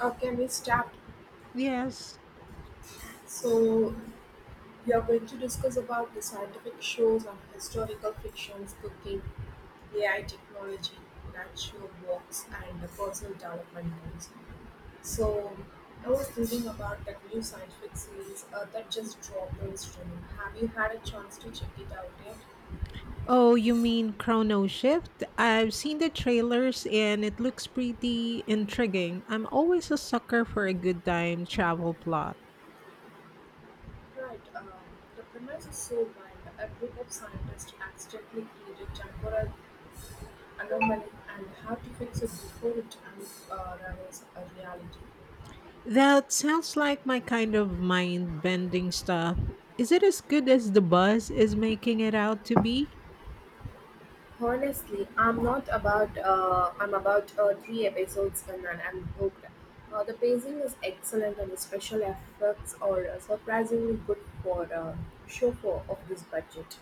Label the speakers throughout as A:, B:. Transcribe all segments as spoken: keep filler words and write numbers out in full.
A: Uh, can we Tapp.
B: Yes.
A: So we are going to discuss about the scientific shows and historical fictions, cooking, A I technology, natural works, and the personal development goals. So I was thinking about that new scientific series uh, that just dropped on streaming. Have you had a chance to check it out yet?
B: Oh, you mean Chrono Shift? I've seen the trailers and it looks pretty intriguing. I'm always a sucker for a good time travel plot.
A: Right. Um, the premise is so wild. A group of scientists accidentally create a temporal anomaly and how to fix it before it unravels a reality.
B: That sounds like my kind of mind bending stuff. Is it as good as the buzz is making it out to be?
A: Honestly, I'm not about. Uh, I'm about uh, three episodes in and I'm hooked. Uh, the pacing is excellent and the special effects are uh, surprisingly good for uh, show for of this budget.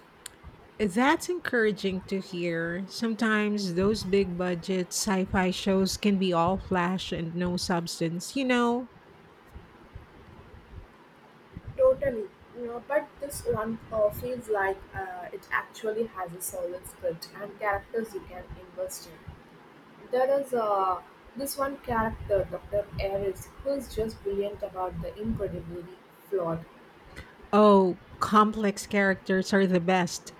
B: That's encouraging to hear. Sometimes those big budget sci fi shows can be all flash and no substance. You know,
A: Totally, you know, but this one uh, feels like uh, it actually has a solid script and characters you can invest in. There is uh, this one character, Doctor Ares, who is just brilliant about the incredibly flawed.
B: Oh, complex characters are the best.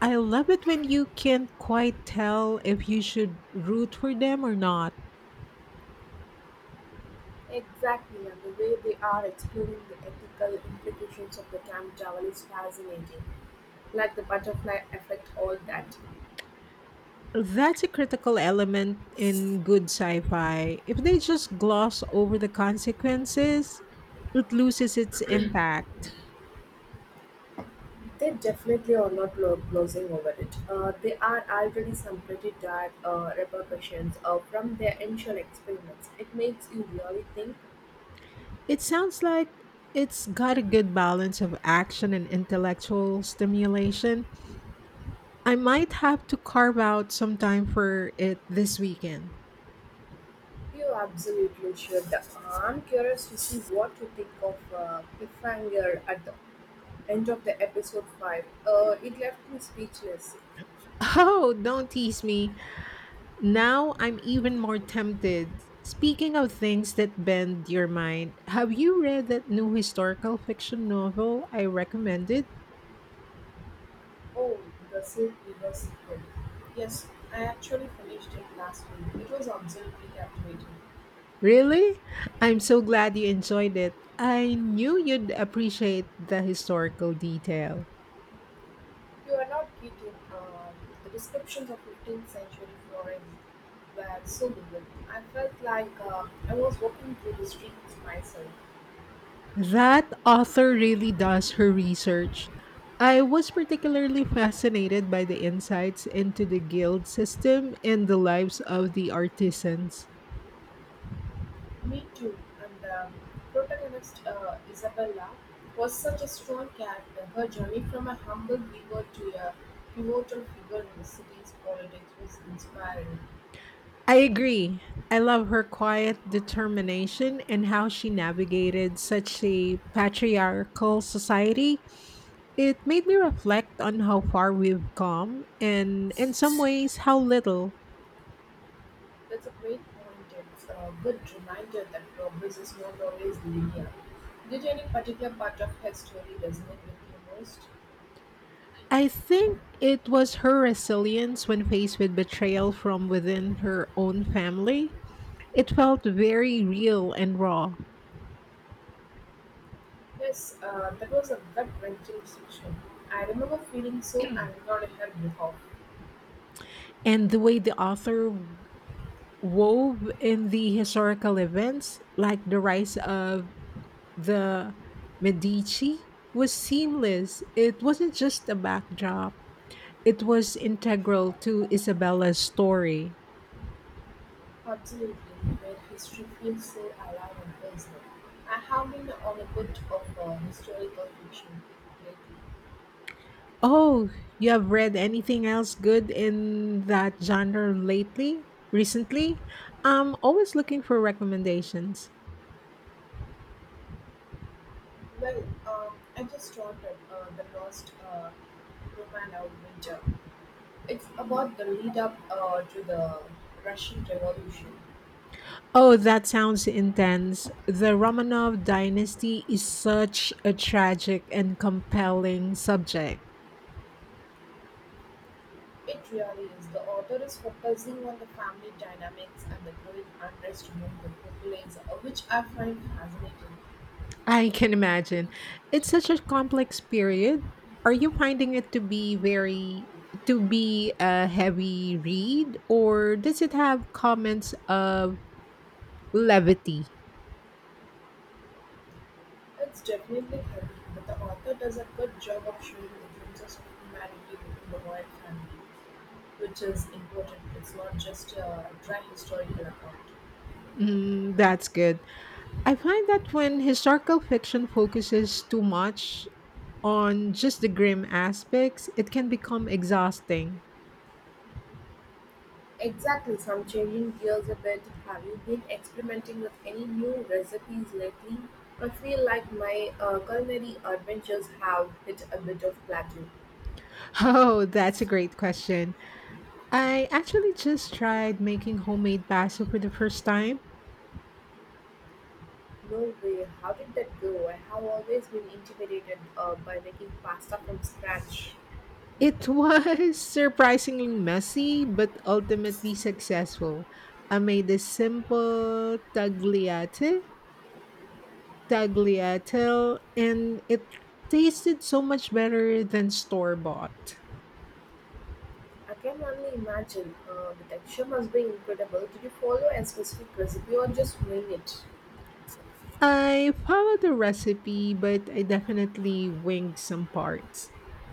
B: I love it when you can't quite tell if you should root for them or not.
A: Exactly, and the way they are exploring the ethical implications of the camp travel is fascinating. Like the butterfly effect, all that.
B: That's a critical element in good sci fi. If they just gloss over the consequences, it loses its impact.
A: They definitely are not lo- losing over it. Uh, there are already some pretty dire uh, repercussions uh, from their initial experiments. It makes you really think.
B: It sounds like it's got a good balance of action and intellectual stimulation. I might have to carve out some time for it this weekend.
A: You absolutely should. I'm curious to see what you think of uh, cliffhanger at the end of the episode five. Uh, it left me speechless.
B: Oh, don't tease me. Now I'm even more tempted. Speaking of things that bend your mind, have you read that new historical fiction novel I recommended?
A: Oh, the silk Weaver sequel. Yes, I actually finished it last week. It was absolutely captivating.
B: Really? I'm so glad you enjoyed it. I knew you'd appreciate the historical detail.
A: You are not kidding. Uh, the descriptions of fifteenth century Florence were so vivid. I felt like uh, I was walking through the streets myself.
B: That author really does her research. I was particularly fascinated by the insights into the guild system and the lives of the artisans.
A: Me too. And the protagonist, uh, Isabella, was such a strong character. Her journey from a humble weaver to a pivotal figure in the city's politics was inspiring.
B: I agree. I love her quiet determination and how she navigated such a patriarchal society. It made me reflect on how far we've come and, in some ways, how little.
A: That's a great point. It's a good reminder that progress is not always linear. Did any particular part of her story resonate with you most?
B: I think it was her resilience when faced with betrayal from within her own family. It felt very real and raw.
A: Yes, uh, that was a gut wrenching section. I remember feeling so angry on her behalf.
B: And the way the author wove in the historical events, like the rise of the Medici, was seamless. It wasn't just a backdrop, it was integral to Isabella's story.
A: Absolutely, where history feels so alive and personal. I have been on a bit of uh, historical fiction lately.
B: Oh, you have read anything else good in that genre lately? Recently? I'm always looking for recommendations.
A: Well, um, I just started uh, The Lost uh, Roman Winter. It's about the lead up uh, to the Russian Revolution.
B: Oh, that sounds intense. The Romanov dynasty is such a tragic and compelling subject.
A: It really is. The author is focusing on the family dynamics and the growing unrest among the populace, uh, which I find fascinating.
B: I can imagine. It's such a complex period. Are you finding it to be very to be a heavy read or does it have comments of levity.
A: It's definitely heavy, but the author does a good job of showing the differences of humanity within the royal family, which is important. It's not just a dry historical account.
B: Mm, that's good. I find that when historical fiction focuses too much on just the grim aspects, it can become exhausting.
A: Exactly, so I'm changing gears a bit. Have you been experimenting with any new recipes lately? I feel like my uh, culinary adventures have hit a bit of plateau.
B: Oh, that's a great question. I actually just tried making homemade pasta for the first time.
A: No way, how did that go? I have always been intimidated uh, by making pasta from scratch.
B: It was surprisingly messy, but ultimately successful. I made a simple tagliate, tagliatelle, and it tasted so much better than store bought.
A: I can only imagine. Uh, the texture must be incredible. Did you follow a specific recipe or just wing it?
B: I followed the recipe, but I definitely winged some parts.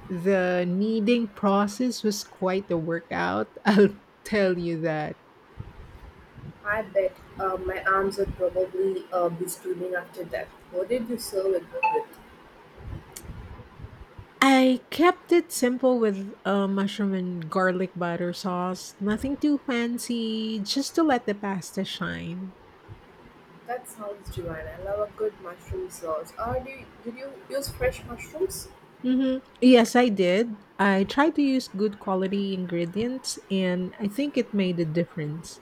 B: The kneading process was quite a workout, I'll tell you that.
A: I bet uh, my arms would probably uh, be steaming after that. What did you serve it with?
B: I kept it simple with a mushroom and garlic butter sauce. Nothing too fancy, just to let the pasta shine.
A: That sounds divine. I love a good mushroom sauce. Or do you, did you use fresh mushrooms?
B: Mm-hmm. Yes, I did. I tried to use good quality ingredients, and I think it made a difference.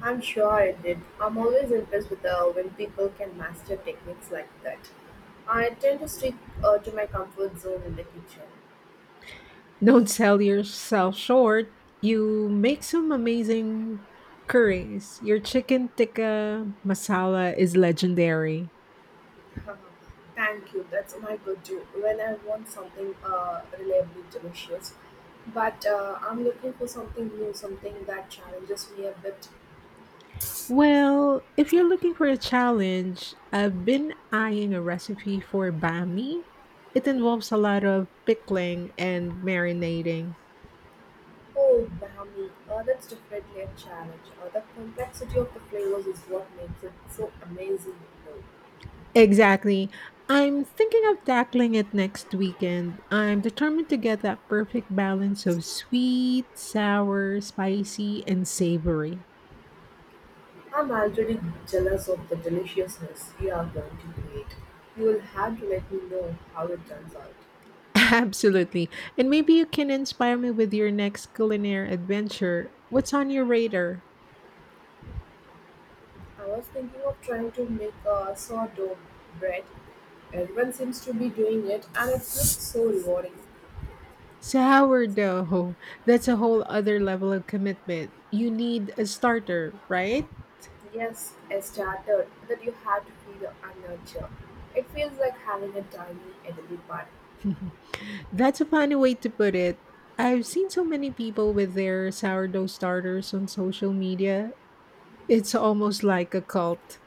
A: I'm sure I did. I'm always impressed with uh, when people can master techniques like that. I tend to stick uh, to my comfort zone in the kitchen.
B: Don't sell yourself short. You make some amazing curries. Your chicken tikka masala is legendary.
A: Thank you. That's my go-to when I want something uh, reliably delicious. But uh, I'm looking for something new, something that challenges me a bit.
B: Well, if you're looking for a challenge, I've been eyeing a recipe for bami. It involves a lot of pickling and marinating.
A: Oh, umami. Uh, that's definitely a challenge. Uh, the complexity of the flavors is what makes it so amazing, though.
B: Exactly. I'm thinking of tackling it next weekend. I'm determined to get that perfect balance of sweet, sour, spicy, and savory.
A: I'm already jealous of the deliciousness you are going to create. You will have to let me know how it turns out.
B: Absolutely. And maybe you can inspire me with your next culinary adventure. What's on your radar?
A: I was thinking of trying to make a sourdough bread. Everyone seems to be doing it, and it looks so rewarding.
B: Sourdough. That's a whole other level of commitment. You need a starter, right?
A: Yes, I started that you have to feed and nurture. It feels like having a tiny edible party.
B: That's a funny way to put it. I've seen so many people with their sourdough starters on social media. It's almost like a cult.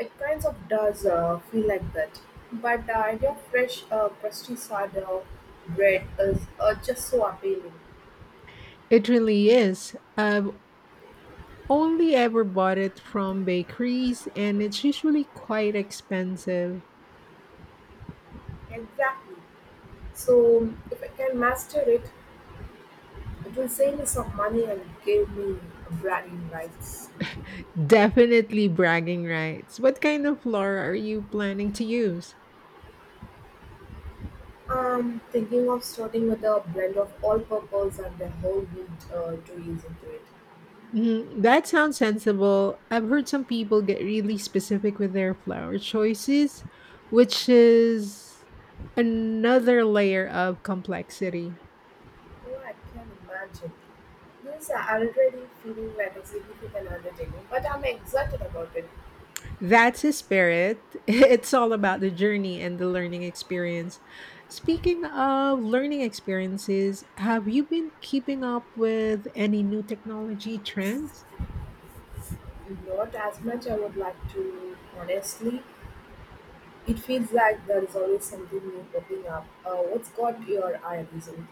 A: It kind of does uh, feel like that. But the idea of fresh uh, countryside uh, bread is uh, just so appealing.
B: It really is. I've only ever bought it from bakeries and it's usually quite expensive.
A: Exactly. So if I can master it, it will save me some money and give me branding rights.
B: Definitely bragging rights. What kind of lore are you planning to use?
A: I'm thinking of starting with a blend of all-purpose and the whole wheat uh, to use into it.
B: Mhm, that sounds sensible. I've heard some people get really specific with their flower choices, which is another layer of complexity.
A: Oh, I can imagine. This is already feeling like a significant undertaking, but I'm excited about it.
B: That's his spirit. It's all about the journey and the learning experience. Speaking of learning experiences, have you been keeping up with any new technology trends?
A: Not as much I would like to, honestly. It feels like there is always something new popping up. Uh, what's got your eye recently?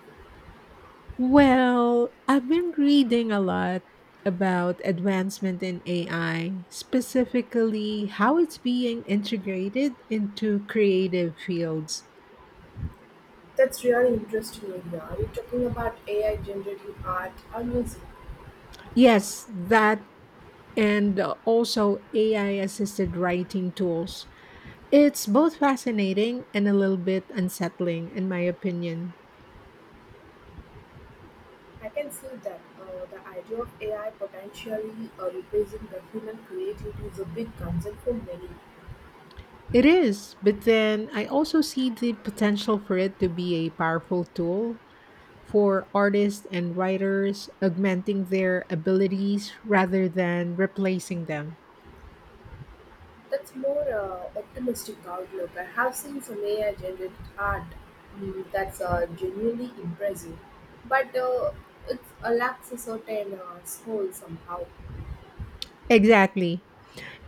B: Well, I've been reading a lot about advancement in A I, specifically how it's being integrated into creative fields.
A: That's really interesting idea. Are you talking about A I generating art or music?
B: Yes, that and also A I assisted writing tools. It's both fascinating and a little bit unsettling, in my opinion.
A: I can see that uh, the idea of A I potentially uh, replacing the human creativity is a big concern for many.
B: It is, but then I also see the potential for it to be a powerful tool for artists and writers, augmenting their abilities rather than replacing them.
A: That's more uh, optimistic outlook. I have seen some A I generated art mm, that's uh, genuinely impressive, but uh, it uh, lacks a certain uh, soul somehow.
B: Exactly.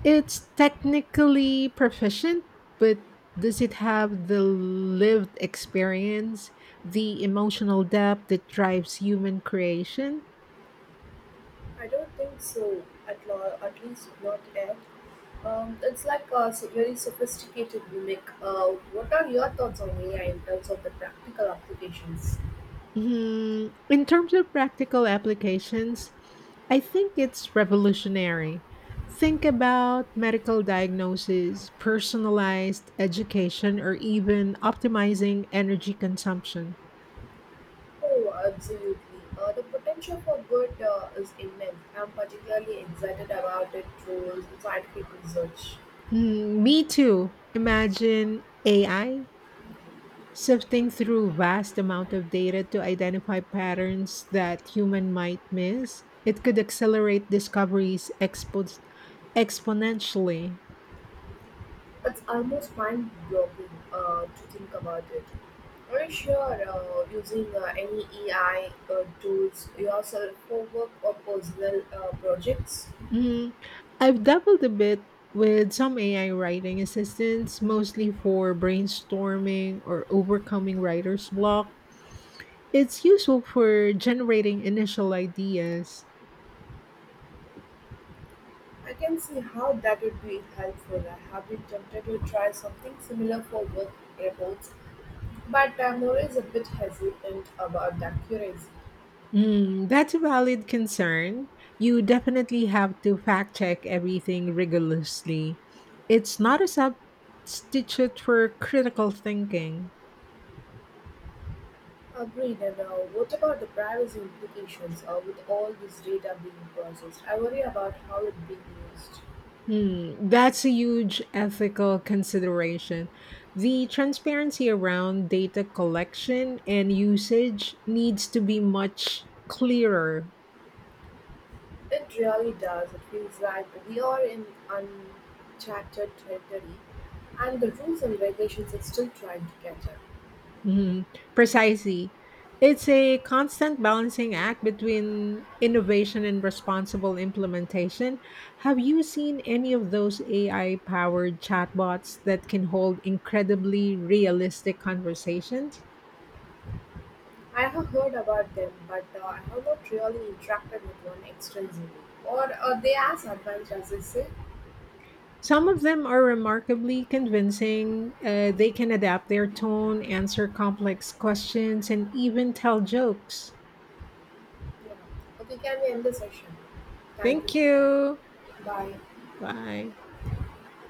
B: It's technically proficient, but does it have the lived experience, the emotional depth that drives human creation?
A: I don't think so. At lo- at least not yet. Um, it's like a s- very sophisticated mimic. Uh, what are your thoughts on A I in terms of the practical applications?
B: Mhm. In terms of practical applications, I think it's revolutionary. Think about medical diagnosis, personalized education, or even optimizing energy consumption.
A: Oh, absolutely. Uh, the potential for good uh, is immense. I'm particularly excited about it through scientific research.
B: Hmm, me too. Imagine A I sifting through vast amount of data to identify patterns that human might miss. It could accelerate discoveries expo- exponentially.
A: It's almost mind blowing uh, to think about it. Are you sure uh, using uh, any A I uh, tools yourself for work or personal uh, projects?
B: Mm, I've dabbled a bit with some A I writing assistants, mostly for brainstorming or overcoming writer's block. It's useful for generating initial ideas.
A: I can see how that would be helpful. I have been tempted to try something similar for work reports, but uh, I'm always a bit hesitant about accuracy.
B: Mm, that's a valid concern. You definitely have to fact check everything rigorously. It's not a substitute for critical thinking.
A: Agreed. And uh, what about the privacy implications uh, with all this data being processed? I worry about how it's being used.
B: Hmm, that's a huge ethical consideration. The transparency around data collection and usage needs to be much clearer.
A: It really does. It feels like we are in uncharted territory, and the rules and regulations are still trying to catch up.
B: Mhm, precisely. It's a constant balancing act between innovation and responsible implementation. Have you seen any of those A I powered chatbots that can hold incredibly realistic conversations?
A: I have heard about them, but uh, I have not really interacted with one extensively. Or are they as advanced as they say?
B: Some of them are remarkably convincing. Uh, they can adapt their tone, answer complex questions, and even tell jokes.
A: Yeah. Okay, can we end the session? Thank you
B: Thank
A: for
B: you.
A: that. Bye.
B: Bye.